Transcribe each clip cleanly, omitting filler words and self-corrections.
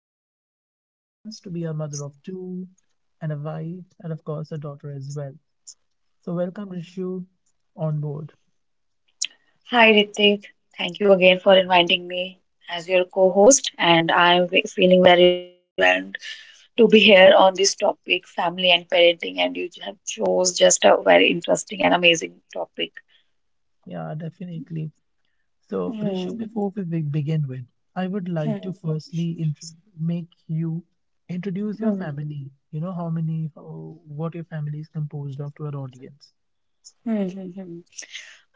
Rishu, who happens to be a mother of two, and a wife, and of course, a daughter as well. So, welcome, Rishu, on board. Hi, Ritik. Thank you again for inviting me as your co-host, and I'm feeling very overwhelmed to be here on this topic, family and parenting, and you have chose just a very interesting and amazing topic. Yeah, definitely. So, Hmm. Rishu, before begin with, I would like to Hmm. Make you introduce your Hmm. family. You know how many, how, what your family is composed of to our audience. Hmm. Hmm. Hmm.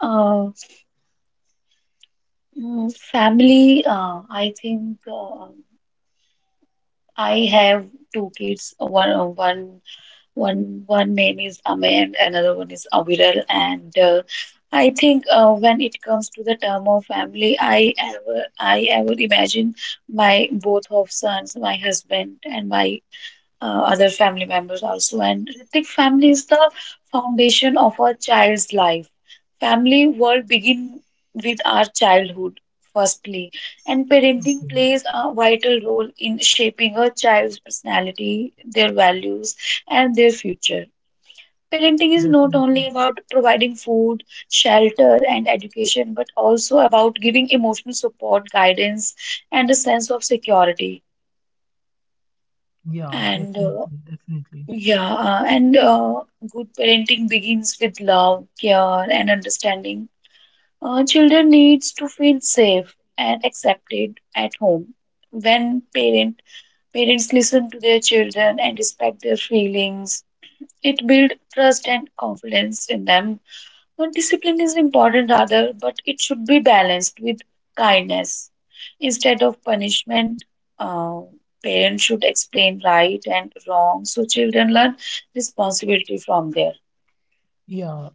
Uh, Family, I think I have two kids, one name is Amey and another one is Aviral. And I think when it comes to the term of family, I ever imagine my both of sons, my husband, and my other family members also. And Hrithik, family is the foundation of a child's life. Family world begin with our childhood, firstly, and parenting Okay, plays a vital role in shaping a child's personality, their values, and their future. Parenting is not only definitely. about providing food, shelter, and education, but also about giving emotional support, guidance, and a sense of security. Yeah, And definitely, definitely. yeah, and good parenting begins with love, care, and understanding. Children needs to feel safe and accepted at home. When parents listen to their children and respect their feelings, it builds trust and confidence in them. But discipline is important, rather, but it should be balanced with kindness. Instead of punishment, uh, parents should explain right and wrong so children learn responsibility from there. Yeah.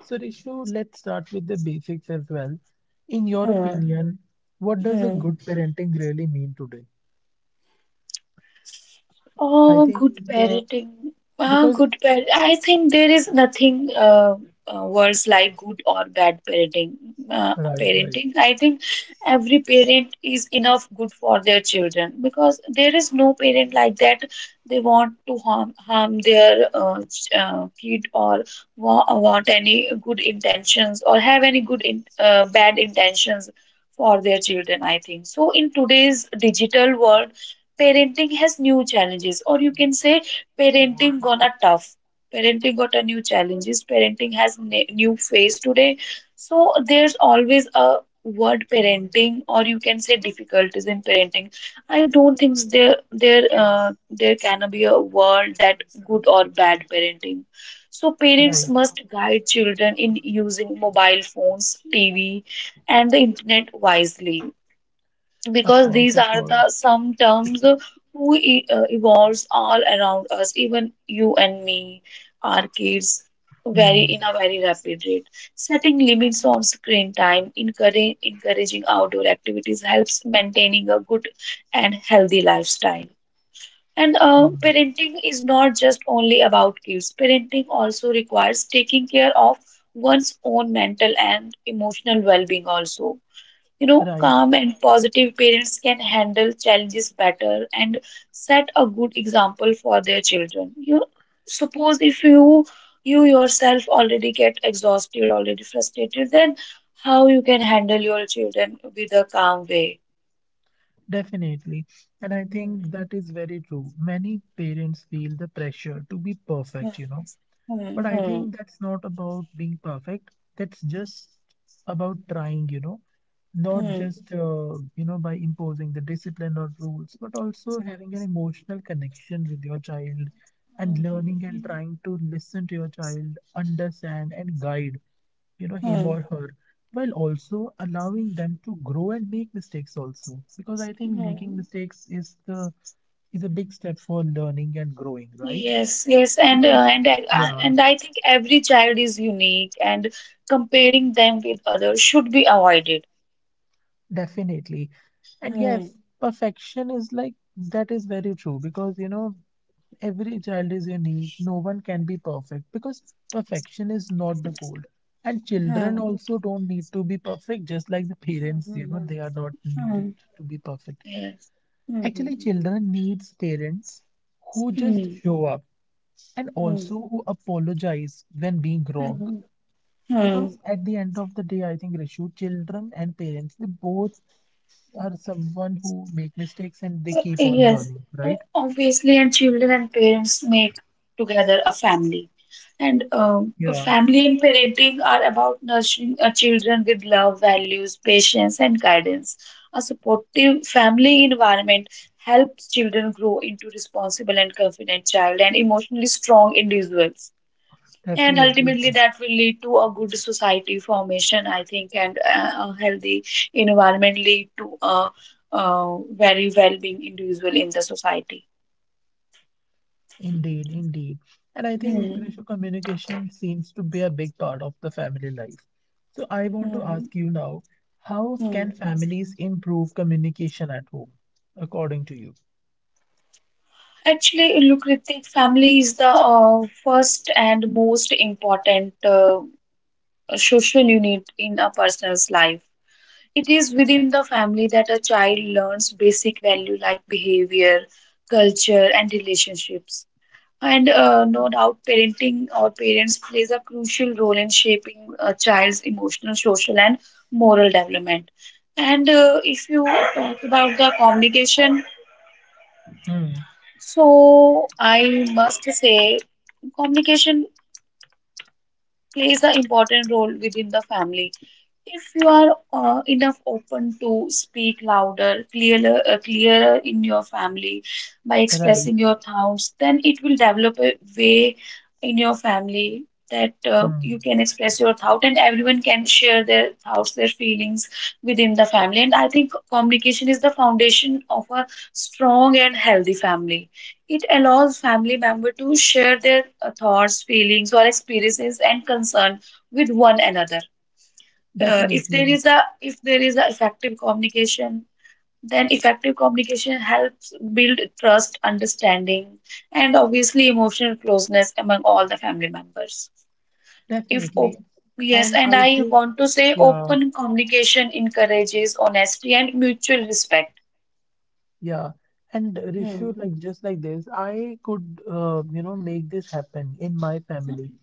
So, Rishu, let's start with the basics as well. In your Hmm. opinion, what does a Hmm. good parenting really mean today? I Oh, think good uh, parenting. Ah, because good parent. I think there is nothing worse like good or bad parenting. Uh, right, right, Parenting. I think every parent is enough good for their children, because there is no parent like that. They want to harm their kid, or wa want any good intentions, or have any good in bad intentions for their children, I think so. In today's digital world, parenting has new challenges, or you can say parenting gonna tough. Parenting got a new challenges. Parenting has ne new phase today. So there's always a word parenting, or you can say difficulties in parenting. I don't think there can be a word that good or bad parenting. So parents right. must guide children in using mobile phones, TV, and the internet wisely, Of because course, these of are course. the some terms who e evolves all around us, even you and me, our kids, very Hmm. in a very rapid rate. Setting limits on screen time, encouraging outdoor activities helps maintaining a good and healthy lifestyle. And Hmm. parenting is not just only about kids. Parenting also requires taking care of one's own mental and emotional well-being also. Right, Calm and positive parents can handle challenges better, and set a good example for their children. You suppose, if you yourself already get exhausted, already frustrated, then how you can handle your children with a calm way? definitely. And I Hmm, think that is very true. Many parents feel the pressure to be perfect, you know, hmm, but I hmm, think that's not about being perfect. That's just about trying, you know, not hmm, just, uh, you know, by imposing the discipline or rules, but also having an emotional connection with your child and learning and hmm, trying to listen to your child, understand and guide, you know, him hmm, or her, while also allowing them to grow and make mistakes also. Because I think hmm. making mistakes is the is a big step for learning and growing, right? Yes, yes, and uh, Because, and I, I yeah. and I think every child is unique, and comparing them with others should be avoided. Definitely. And Hmm. yes, perfection is like that is very true, because you know every child is unique. No one can be perfect, because perfection is not the goal. And children Hmm. also don't need to be perfect, just like the parents, you Hmm. know, they are not needed Hmm. to be perfect. Yes. Hmm. Actually, Hmm. children needs parents who just Hmm. show up and also who apologize when being wrong. Hmm. Hmm. Because at the end of the day, I think Rishu, children and parents, they both are someone who make mistakes and they keep on Yes. learning, Uh, right? Obviously, and children and parents make together a family. And a Yeah, family and parenting are about nurturing our children with love, values, patience, and guidance. A supportive family environment helps children grow into responsible and confident child, and emotionally strong individuals. And ultimately, definitely. that will lead to a good society formation, I think. And a healthy environment lead to a very well-being individual in the society. Indeed, indeed. And I think Hmm. Grisha, communication seems to be a big part of the family life. So I want to Hmm. ask you now, how Hmm. can families improve communication at home, according to you? Actually, Lucrative family is the first and most important social unit in a person's life. It is within the family that a child learns basic value like behavior, culture, and relationships. And no doubt, parenting or parents plays a crucial role in shaping a child's emotional, social, and moral development. And if you talk about the communication, Hmm, so I must say, communication plays an important role within the family. If you are enough open to speak louder, clearer in your family by right. expressing your thoughts, then it will develop a way in your family that Hmm. you can express your thought, and everyone can share their thoughts, their feelings within the family. And I think communication is the foundation of a strong and healthy family. It allows family member to share their thoughts, feelings, or experiences and concern with one another. If there is Definitely, a if there is a effective communication, then effective communication helps build trust, understanding, and obviously emotional closeness among all the family members. If op- definitely. Yes, And and I I think, want to say yeah, open communication encourages honesty and mutual respect. Yeah, And Rishu, Hmm. like just like this, I could make this happen in my family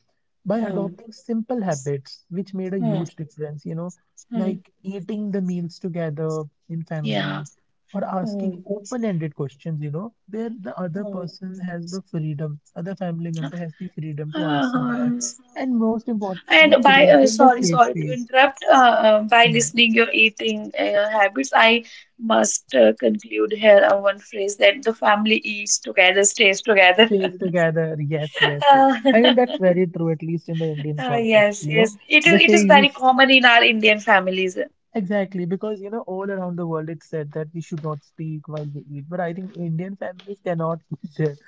by Hmm. adopting simple habits, which made a Hmm. huge difference, you know, Hmm. like eating the meals together in Yeah. family or Hmm. asking open-ended questions, you know, where the other person has the freedom, other family member has the freedom to answer back, Um, and most and importantly, by creating a sorry, safe sorry to space, interrupt. By you know. listening your eating habits, I must conclude here one phrase: that the family eats together, stays together. Stays together. Yes, yes, yes. Uh, I mean, that's very true, at least in the Indian context. yes, You yes, know, it is. they It is say we very sh- common in our Indian families. exactly because, you know, all around the world it's said that we should not speak while we eat. But I think Indian families cannot, share,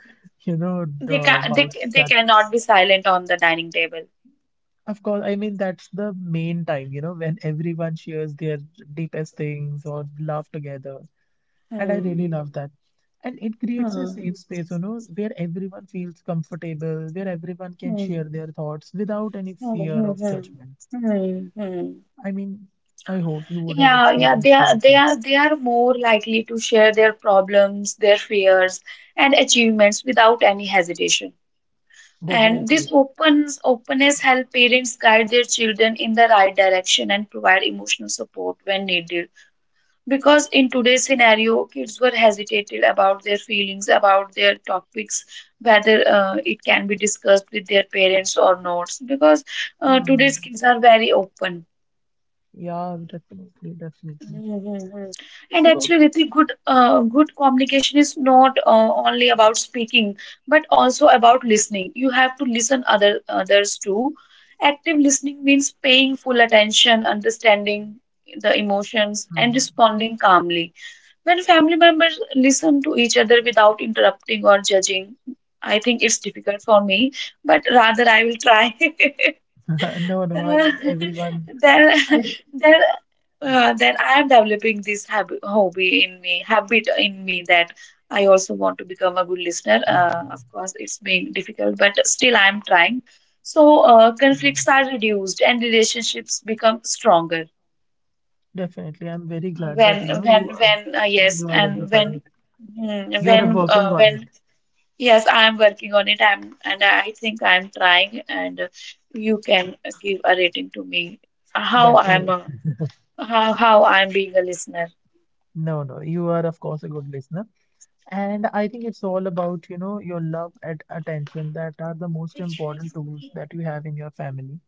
They can they vouch they that. cannot be silent on the dining table. Of course, I mean, that's the main time, you know, when everyone shares their deepest things or laugh together. And I Hmm. really love that. And it creates a Hmm. safe space, you know, where everyone feels comfortable, where everyone can Hmm. share their thoughts without any Hmm. fear of Hmm. judgment. Hmm. Hmm. Hmm. I mean, I hope you would have Yeah, yeah, they experienced are they also. are they are more likely to share their problems, their fears, and achievements without any hesitation. And this Definitely. opens openness help parents guide their children in the right direction, and provide emotional support when needed. Because in today's scenario, kids were hesitated about their feelings, about their topics, whether it can be discussed with their parents or not. Because today's Hmm. kids are very open. Yeah, definitely, definitely. Mhm. And So, actually, Ritik, good communication is not only about speaking, but also about listening. You have to listen others too. Active listening means paying full attention, understanding the emotions, and hmm. responding calmly. When family members listen to each other without interrupting or judging, I think it's difficult for me, but rather I will try. No, no, Uh, then, I, then, then I am developing this habit, hobby in me, habit in me, that I also want to become a good listener. Of course, it's being difficult, but still I am trying. So yeah, conflicts are reduced and relationships become stronger. definitely. I'm very glad that, you know, you are, Yes. you and identify when, it. mm, You're when, uh, working on it. when, yes, I'm working on it. And I think I'm trying, and you can give a rating to me. How I'm, Definitely. a, how I'm being a listener. No, no, you are, of course, a good listener. And I think it's all about, you know, your love and attention that are the most important tools that you have in your family.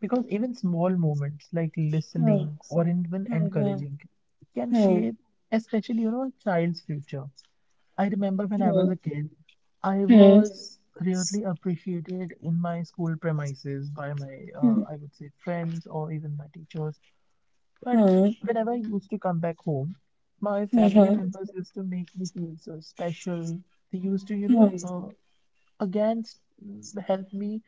Because even small moments like Hmm. listening or even Hmm. encouraging can Hmm. shape, especially, you know, a child's future. I remember when I Hmm. was a kid, I Hmm. was really appreciated in my school premises by my, Hmm. I would say, friends or even my teachers, but Hmm. whenever I used to come back home, my family Hmm. members used to make me feel so special. They used to, you know, Hmm. uh, again s- help me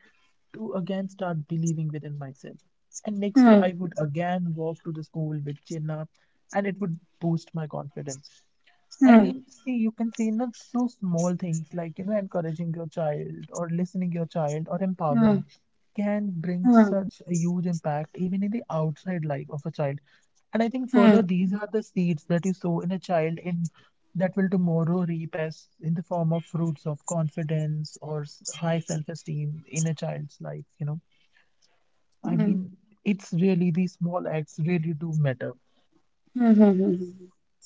to again start believing within myself. And next day, Hmm. I would again walk to the school with chin up, and it would boost my confidence. I Hmm. mean, see, you can see, you know, so small things like, you know, encouraging your child or listening your child or Hmm. Hmm. empowering can bring Hmm. such a huge impact even in the outside life of a child. And I think Hmm. further, Hmm. these are the seeds that you sow in a child in that will tomorrow reap as in the form of fruits of high self-esteem in a child's life, you know. I mean, it's really these small acts really do matter. Hmm.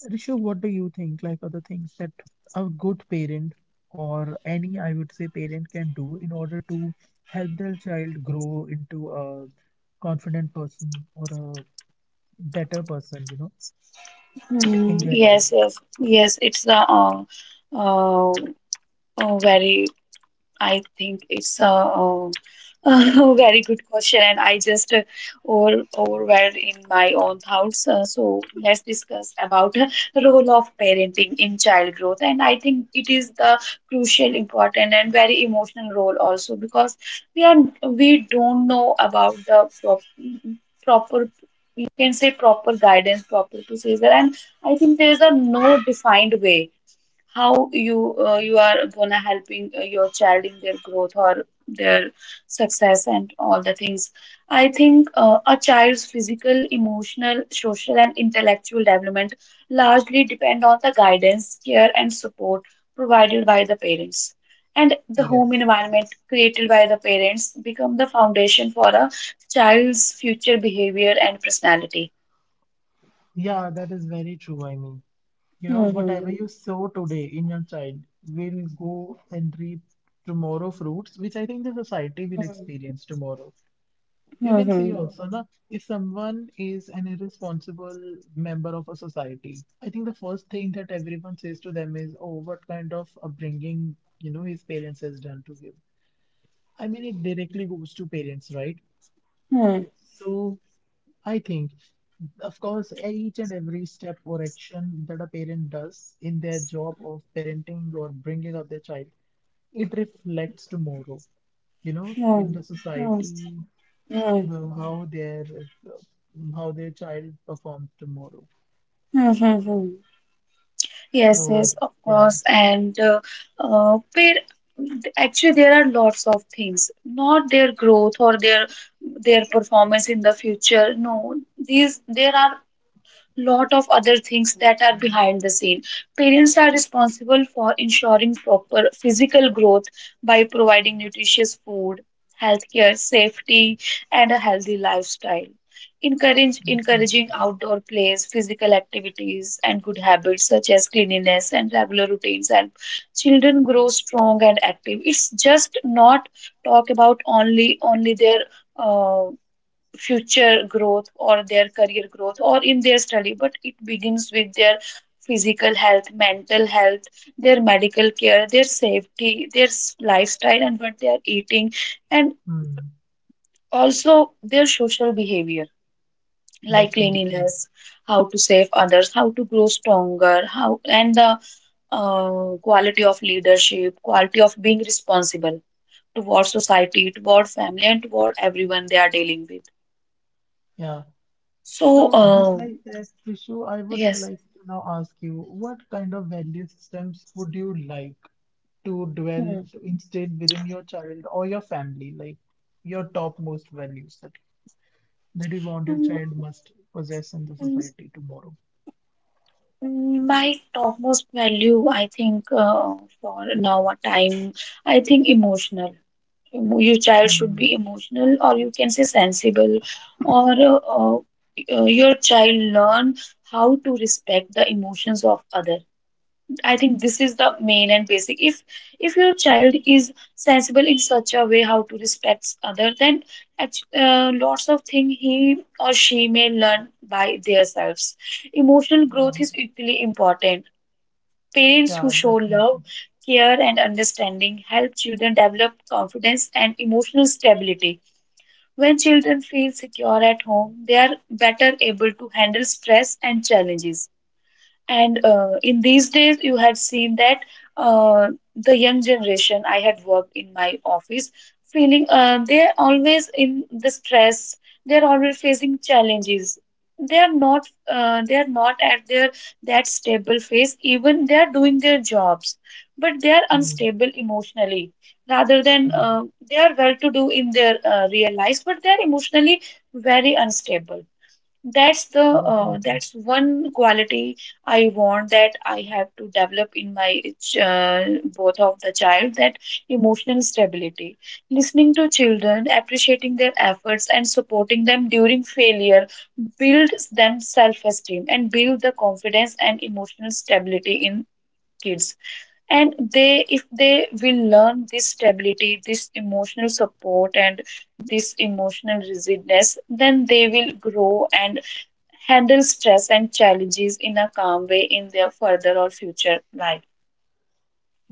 Rishu, what do you think? Like other things that a good parent or any, I would say, parent can do in order to help their child grow into a confident person or a better person, you know, Hmm. in their Yes, life. yes, yes. It's the uh, Oh, very, I think it's a, a very good question, and I just overwhelmed in my own thoughts. So let's discuss about role of parenting in child growth, and I think it is the crucial, important, and very emotional role also, because we are we don't know about the proper. You can say proper guidance, proper procedure, and I think there is a no defined way how you are gonna helping your child in their growth or their success and all the things. I think a child's physical, emotional, social, and intellectual development largely depend on the guidance, care, and support provided by the parents, and the home Yes. environment created by the parents become the foundation for a child's future behavior and personality. Yeah, that is very true. I mean, you know, Hmm. Hmm. whatever Hmm. you sow today in your child will go and reap tomorrow fruits, which I think the society will experience tomorrow. You can see Hmm. also, na, if someone is an irresponsible member of a society, I think the first thing that everyone says to them is, oh, what kind of upbringing, you know, his parents has done to him. I mean, it directly goes to parents, right? Hmm. So I think, of course, each and every step or action that a parent does in their job of parenting or bringing up their child, it reflects tomorrow, you know, in Hmm. the Hmm. society, Hmm. the- how their uh, how their child performs tomorrow. Mm-hmm. Yes, yes, So of course. yeah, And where actually there are lots of things, not their growth or their performance in the future. No, these there are lot of other things that are behind the scene. Parents are responsible for ensuring proper physical growth by providing nutritious food, healthcare, safety, and a healthy lifestyle. Encourage Encouraging definitely, outdoor plays, physical activities, and good habits such as cleanliness and regular routines help children grow strong and active. It's just not talk about only their uh, future growth, or their career growth, or in their study, but it begins with their physical health, mental health, their medical care, their safety, their lifestyle, and what they are eating, and mm, also their social behavior like definitely, cleanliness, how to save others, how to grow stronger, how and the quality of leadership, quality of being responsible toward society, toward family, and toward everyone they are dealing with. yeah. So, So just like that, Trishu, I would yes. like to now ask you, what kind of value systems would you like to Hmm. dwell to instead within your child or your family, like your topmost values that that you want your Mm, child must possess in the mm, society tomorrow? My topmost value, I think, for now a time, I think emotional. Your child should be Mm, emotional, or you can say sensible, or your child learn how to respect the emotions of other. I think this is the main and basic. If your child is sensible in such a way how to respect other, then lots of things he or she may learn by themselves. Emotional growth yeah, is equally important. Parents who yeah, show love, definitely. care, and understanding help children develop confidence and emotional stability. When children feel secure at home, they are better able to handle stress and challenges. And in these days, you had seen that uh, the young generation, I had worked in my office, feeling they're always in the stress, they're always facing challenges. They are not at their that stable phase, even they are doing their jobs, but they are Mm, unstable emotionally. Rather than mm. they are well to do in their real lives, but they are emotionally very unstable. Definitely. That's one quality I want that I have to develop in both of the child, that emotional stability. Listening to children, appreciating their efforts, and supporting them during failure builds them self-esteem and build the confidence and emotional stability in kids. And they, if they will learn this stability, this emotional support, and this emotional rigidness, then they will grow and handle stress and challenges in a calm way in their further or future life.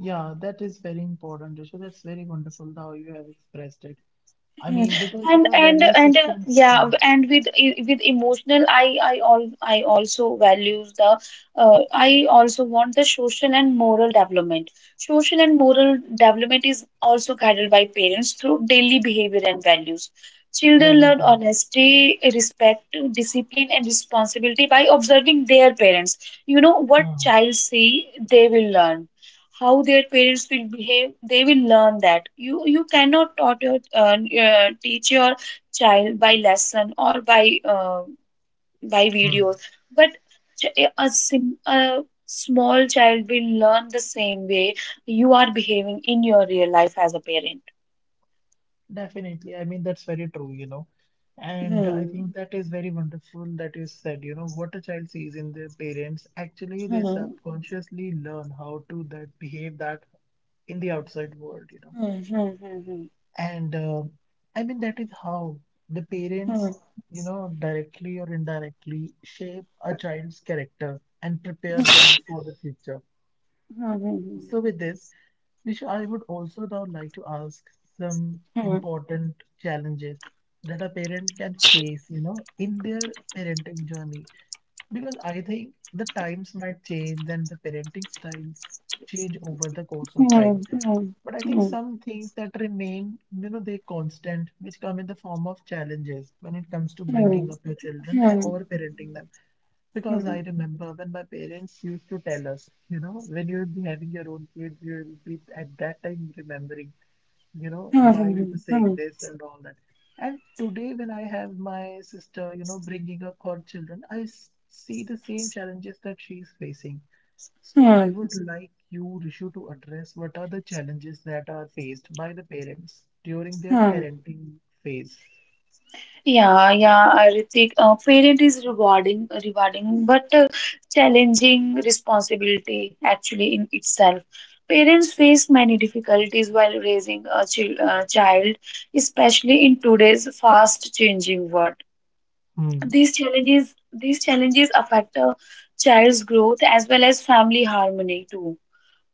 Yeah, that is very important, Risha. That's very wonderful how you have expressed it. I Hmm. mean, because and you know, and value and uh, systems, yeah, yeah, and with emotional I all I also values the I also want the social and moral development. Social and moral development is also guided by parents through daily behavior and values. Children very learn true. honesty, respect, discipline, and responsibility by observing their parents. You know, what Hmm. child see, they will learn. How their parents will behave, they will learn. That you cannot taught your teach your child by lesson or by Hmm. videos, but a small child will learn the same way you are behaving in your real life as a parent. Definitely. I mean, that's very true, you know. And I Hmm. think that is very wonderful that you said, you know, what a child sees in their parents, actually they Hmm. subconsciously learn how to that behave that in the outside world, you know. Hmm. Hmm. And I mean, that is how the Hmm. parents, you know, directly or indirectly shape a child's character and prepare them for the future. Hmm. So, with this, Nisha, I would also now like to ask some Hmm. important challenges that a parent can face, you know, in their parenting journey. Because I think the times might change and the parenting styles change over the course of Hmm. Hmm. time. But I Hmm. think Hmm. some things that remain, you know, they constant, which come in the form of challenges when it comes to Hmm. bringing up your children Hmm. Hmm. or parenting them. Because Hmm. I remember when my parents used to tell us, you know, when you'll be having your own kids, you'll be at that time remembering, you know, why we Hmm. were saying Hmm. this and all that. And today, when I have my sister, you know, bringing up her children, see the same challenges that she's facing, so I Hmm. would like you, Rishu, to address what are the challenges that are faced by the parents during their Hmm. parenting phase. Yeah, yeah, Ritik. Parent is rewarding, but challenging responsibility actually in itself. Parents face many difficulties while raising a child, especially in today's fast-changing world. Hmm, These challenges affect a child's growth as well as family harmony too.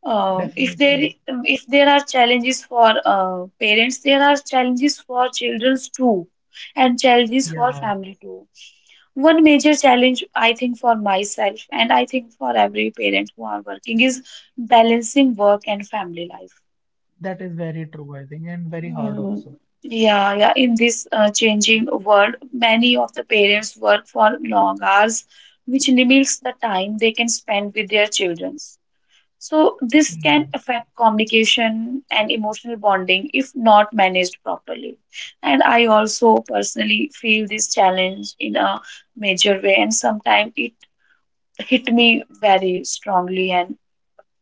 Uh, if there definitely. if there are challenges for parents, there are challenges for children too, and challenges for Yeah, family too. One major challenge, I think, for myself, and I think for every parent who are working, is balancing work and family life. that is very true, I think, and very hard Mm. also. Yeah, yeah. In this changing world, many of the parents work for long hours, which limits the time they can spend with their children. So this can Hmm. affect communication and emotional bonding if not managed properly. And I also personally feel this challenge in a major way, and sometimes it hit me very strongly, and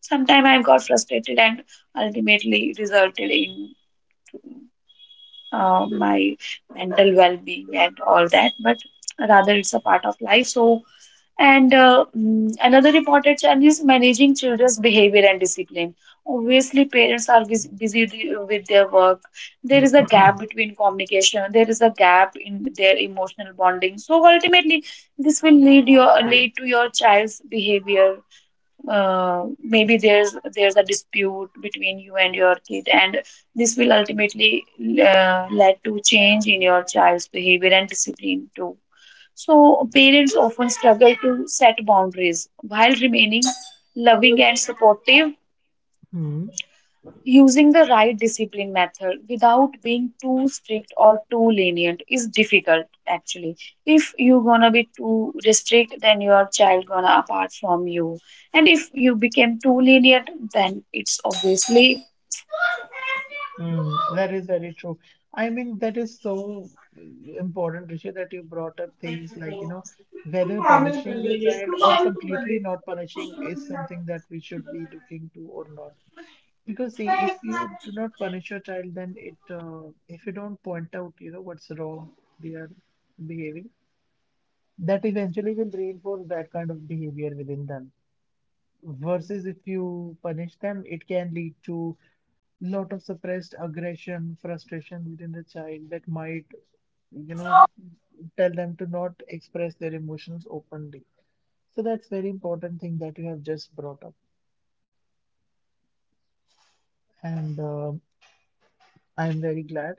sometimes I got frustrated and ultimately resulted in my mental well being and all that. But rather, it's a part of life. So, another important challenge is managing children's behavior and discipline. Obviously, parents are busy with their work. There is a gap between communication. There is a gap in their emotional bonding. So ultimately, this will lead to your child's behavior. Maybe there's a dispute between you and your kid, and this will ultimately lead to change in your child's behavior and discipline too. So, parents often struggle to set boundaries while remaining loving and supportive. Hmm. Using the right discipline method without being too strict or too lenient is difficult actually. If you gonna be too restrict, then your child gonna apart from you. And if you become too lenient, then it's obviously. Hmm. That is very true. I mean, that is so mm, important, Rishi, that you brought up things like, you know, whether punishing your child or completely not punishing is something that we should be looking to or not. Because see, if you do not punish your child, then it if you don't point out, you know, what's wrong they are behaving, that eventually will reinforce that kind of behavior within them. Versus if you punish them, it can lead to lot of suppressed aggression, frustration within the child that might, you know, tell them to not express their emotions openly. So that's very important thing that you have just brought up. And I'm very glad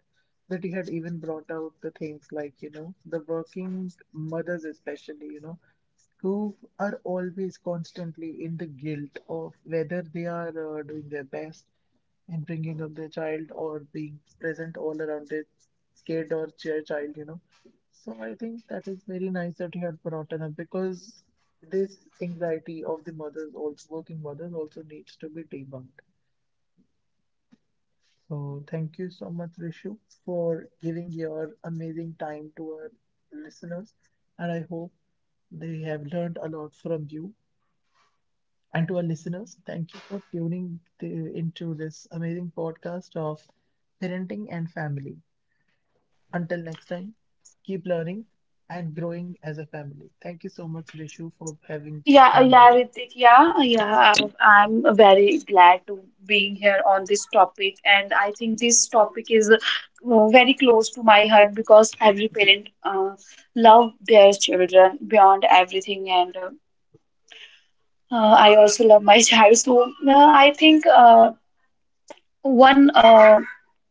that he had even brought out the things like, you know, the working mothers, especially, you know, who are always constantly in the guilt of whether they are doing their best in bringing up their child or being present all around their kid or their child, you know. So I think that is very nice that you had brought it up, because this anxiety of the mothers, also working mothers, also needs to be debunked. So thank you so much, Rishu, for giving your amazing time to our listeners. And I hope they have learned a lot from you. And to our listeners, thank you for into this amazing podcast of parenting and family. Until next time, keep learning and growing as a family. Thank you so much, Rishu, for having Yeah, on yeah, board. Ritik, yeah, yeah. I'm very glad to being here on this topic, and I think this topic is very close to my heart, because every parent love their children beyond everything, and I also love my child. So I think, one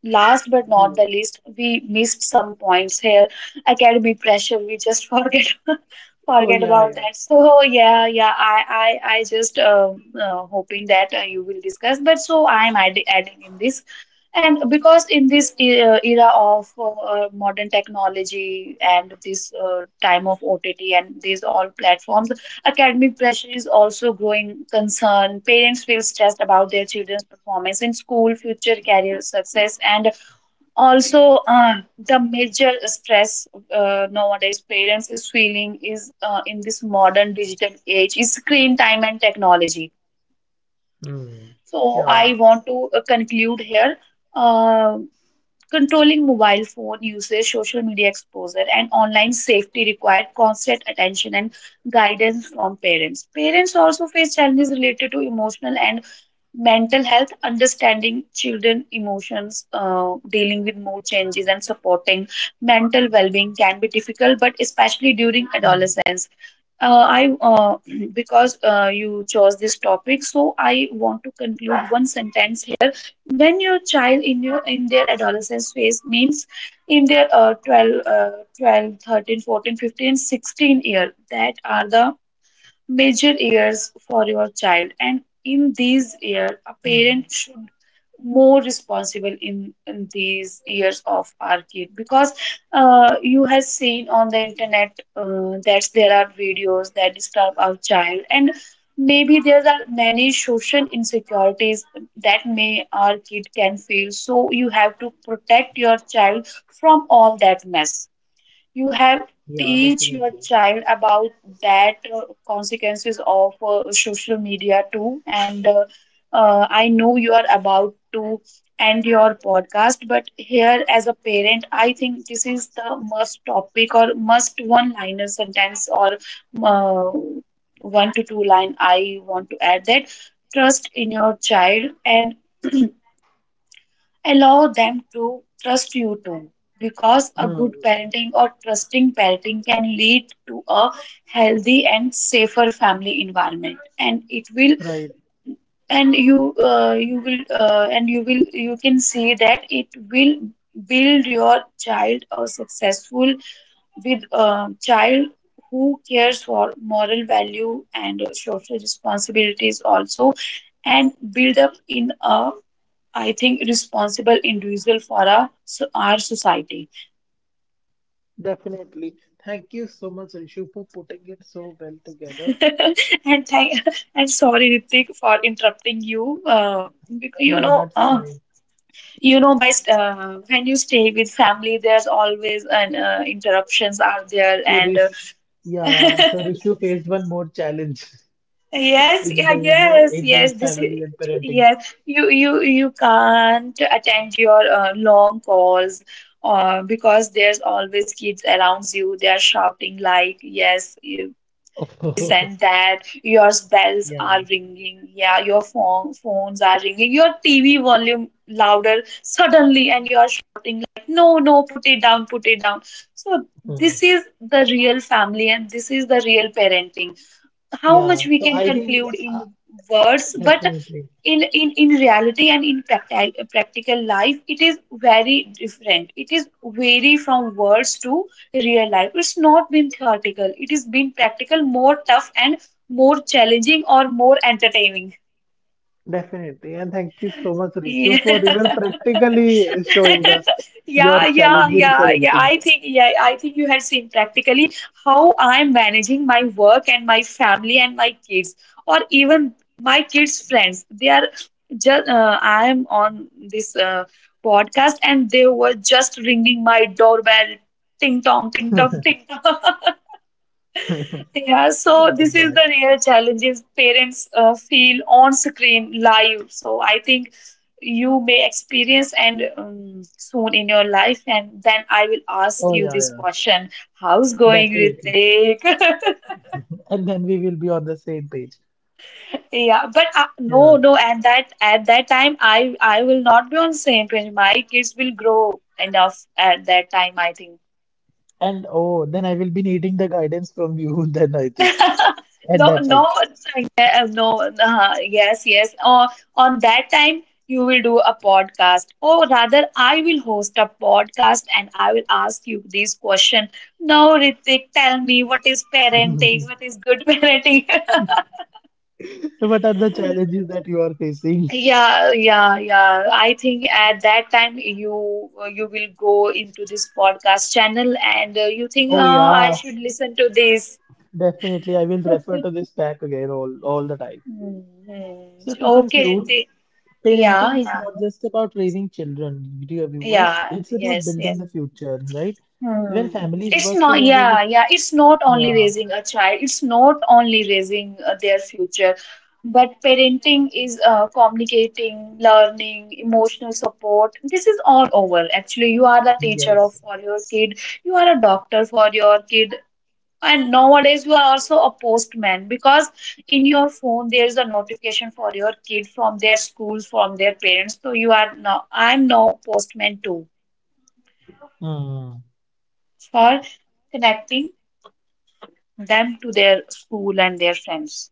last but not the least, we missed some points here. Academic pressure, we just forget Oh forget yeah, about yeah. that. So yeah, yeah, I just hoping that you will discuss. But so I'm adding in this, and because in this era of modern technology and this time of OTT and these all platforms. Academic pressure is also growing concern. Parents feel stressed about their children's performance in school, future career success, and also the major stress nowadays parents is feeling is in this modern digital age is screen time and technology. Hmm. So Yeah. I want to conclude here. Uh, Controlling mobile phone usage, social media exposure, and online safety require constant attention and guidance from parents. Parents also face challenges related to emotional and mental health, understanding children emotions, dealing with mood changes, and supporting mental well-being can be difficult, but especially during Hmm. adolescence. I Because you chose this topic, so I want to conclude one sentence. When your child in your in their adolescence phase, means in their 12 12, 13, 14, 15, 16 years, that are the major years for your child, and in these years a Hmm. parent should more responsible in these years of our kid. Because you have seen on the internet that there are videos that disturb our child, and maybe there are many social insecurities that may our kid can feel, so you have to protect your child from all that mess. You have teach your child about that consequences of social media too. And I know you are about to end your podcast, but here as a parent, I think this is the must topic or must one-liner sentence or uh, one to two line. I want to add that trust in your child and allow them to trust you too, because a Hmm. good parenting or trusting parenting can lead to a healthy and safer family environment, and it will, Right. and you, you will, and you will, you can see that it will build your child a successful, with a child who cares for moral value and social responsibilities also, and build up in a, I think, responsible individual for our society. Definitely. Thank you so much, Rishu, for putting it so well together. And thank, and sorry, Ritik, for interrupting you. You No, know, that's fine. you know, when you stay with family, there's always an interruptions are there, So and Rish, yeah, so Rishu faced one more challenge yes, in yeah, the, you know, yes, in the yes. This is family and parenting. yes. You can't attend your long calls because there's always kids around you. They are shouting like, "Yes," and that your bells Yeah. are ringing, yeah, your phones are ringing, your TV volume louder suddenly, and you are shouting like, "No, no, put it down, put it down." So Hmm. this is the real family and this is the real parenting. How much Yeah, we so can I think conclude in uh, words, but Definitely, in reality and in practical life, it is very different. It is vary from words to real life. It's not been theoretical, it is been practical, more tough and more challenging or more entertaining. definitely, and thank you so much, Rishu, Yeah. for even practically showing us Yeah, your yeah, challenge in yeah, yeah. parenting. I think, yeah, I think you had seen practically how I'm managing my work and my family and my kids, or even my kids' friends. They are just, I am on this podcast and they were just ringing my doorbell, ting tong, ting tong, ting, yeah, so Oh, this is that. the real challenges parents feel on screen live. So I think you may experience and soon in your life, and then I will ask Oh you yeah, this yeah, question: how's going, definitely, Ritik? and then we will be on the same page. Yeah, but no, Yeah. no, and that at that time, I will not be on same page. My kids will grow enough at that time, I think. And oh, then I will be needing the guidance from you then I think at No, that time. no, yeah, no, yes, yes. On that time, you will do a podcast, or rather, I will host a podcast and I will ask you this question. Now, Ritik, tell me, what is parenting? What is good parenting? What are the challenges that you are facing? Yeah, yeah, yeah. I think at that time you will go into this podcast channel and you think Oh I yeah, should listen to this. definitely. I will refer to this back again all the time. Hmm, hmm. So to Okay, conclude, Ritik. Yeah, parenting is yeah. not just about raising children, dear viewers. Yeah, It's about yes, building yes. the future, right? Where Hmm. families It's work not, together with yeah, yeah. It's not only yeah, raising a child, it's not only raising their future, but parenting is communicating, learning, emotional support. This is all over. Actually, you are the teacher of yes. for your kid, you are a doctor for your kid. And nowadays, you are also a postman because in your phone there is a notification for your kid from their schools, from their parents. So you are now, I'm now postman too, Hmm. for connecting them to their school and their friends.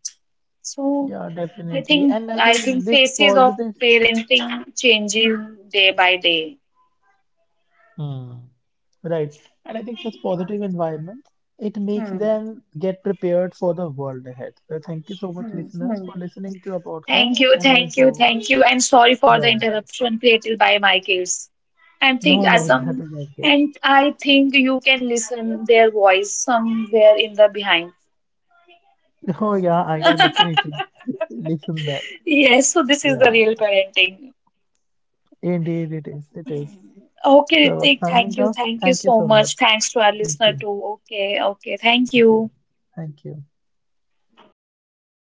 So Yeah, I definitely. think And I I think think this phases of positive parenting changing day by day. Hmm. Right. And I think such positive environments, it makes Hmm. them get prepared for the world ahead. So thank you so much, Hmm. listeners, Hmm. for listening to our Thank podcast. you, And I thank you, hope, thank you, and sorry for the yeah. interruption created by my kids. And think No, no, that Asam, is okay. and I think you can listen their voice somewhere in the behind. Oh, yeah, I can definitely listen that. Yes, so this is the Yeah, real parenting. indeed it is. It is. Okay, So Ritik, thank signing you. off. Thank you Thank you so so much. much. Thanks to our Thank listener you. too. Okay, okay. Thank Okay. you. Thank you.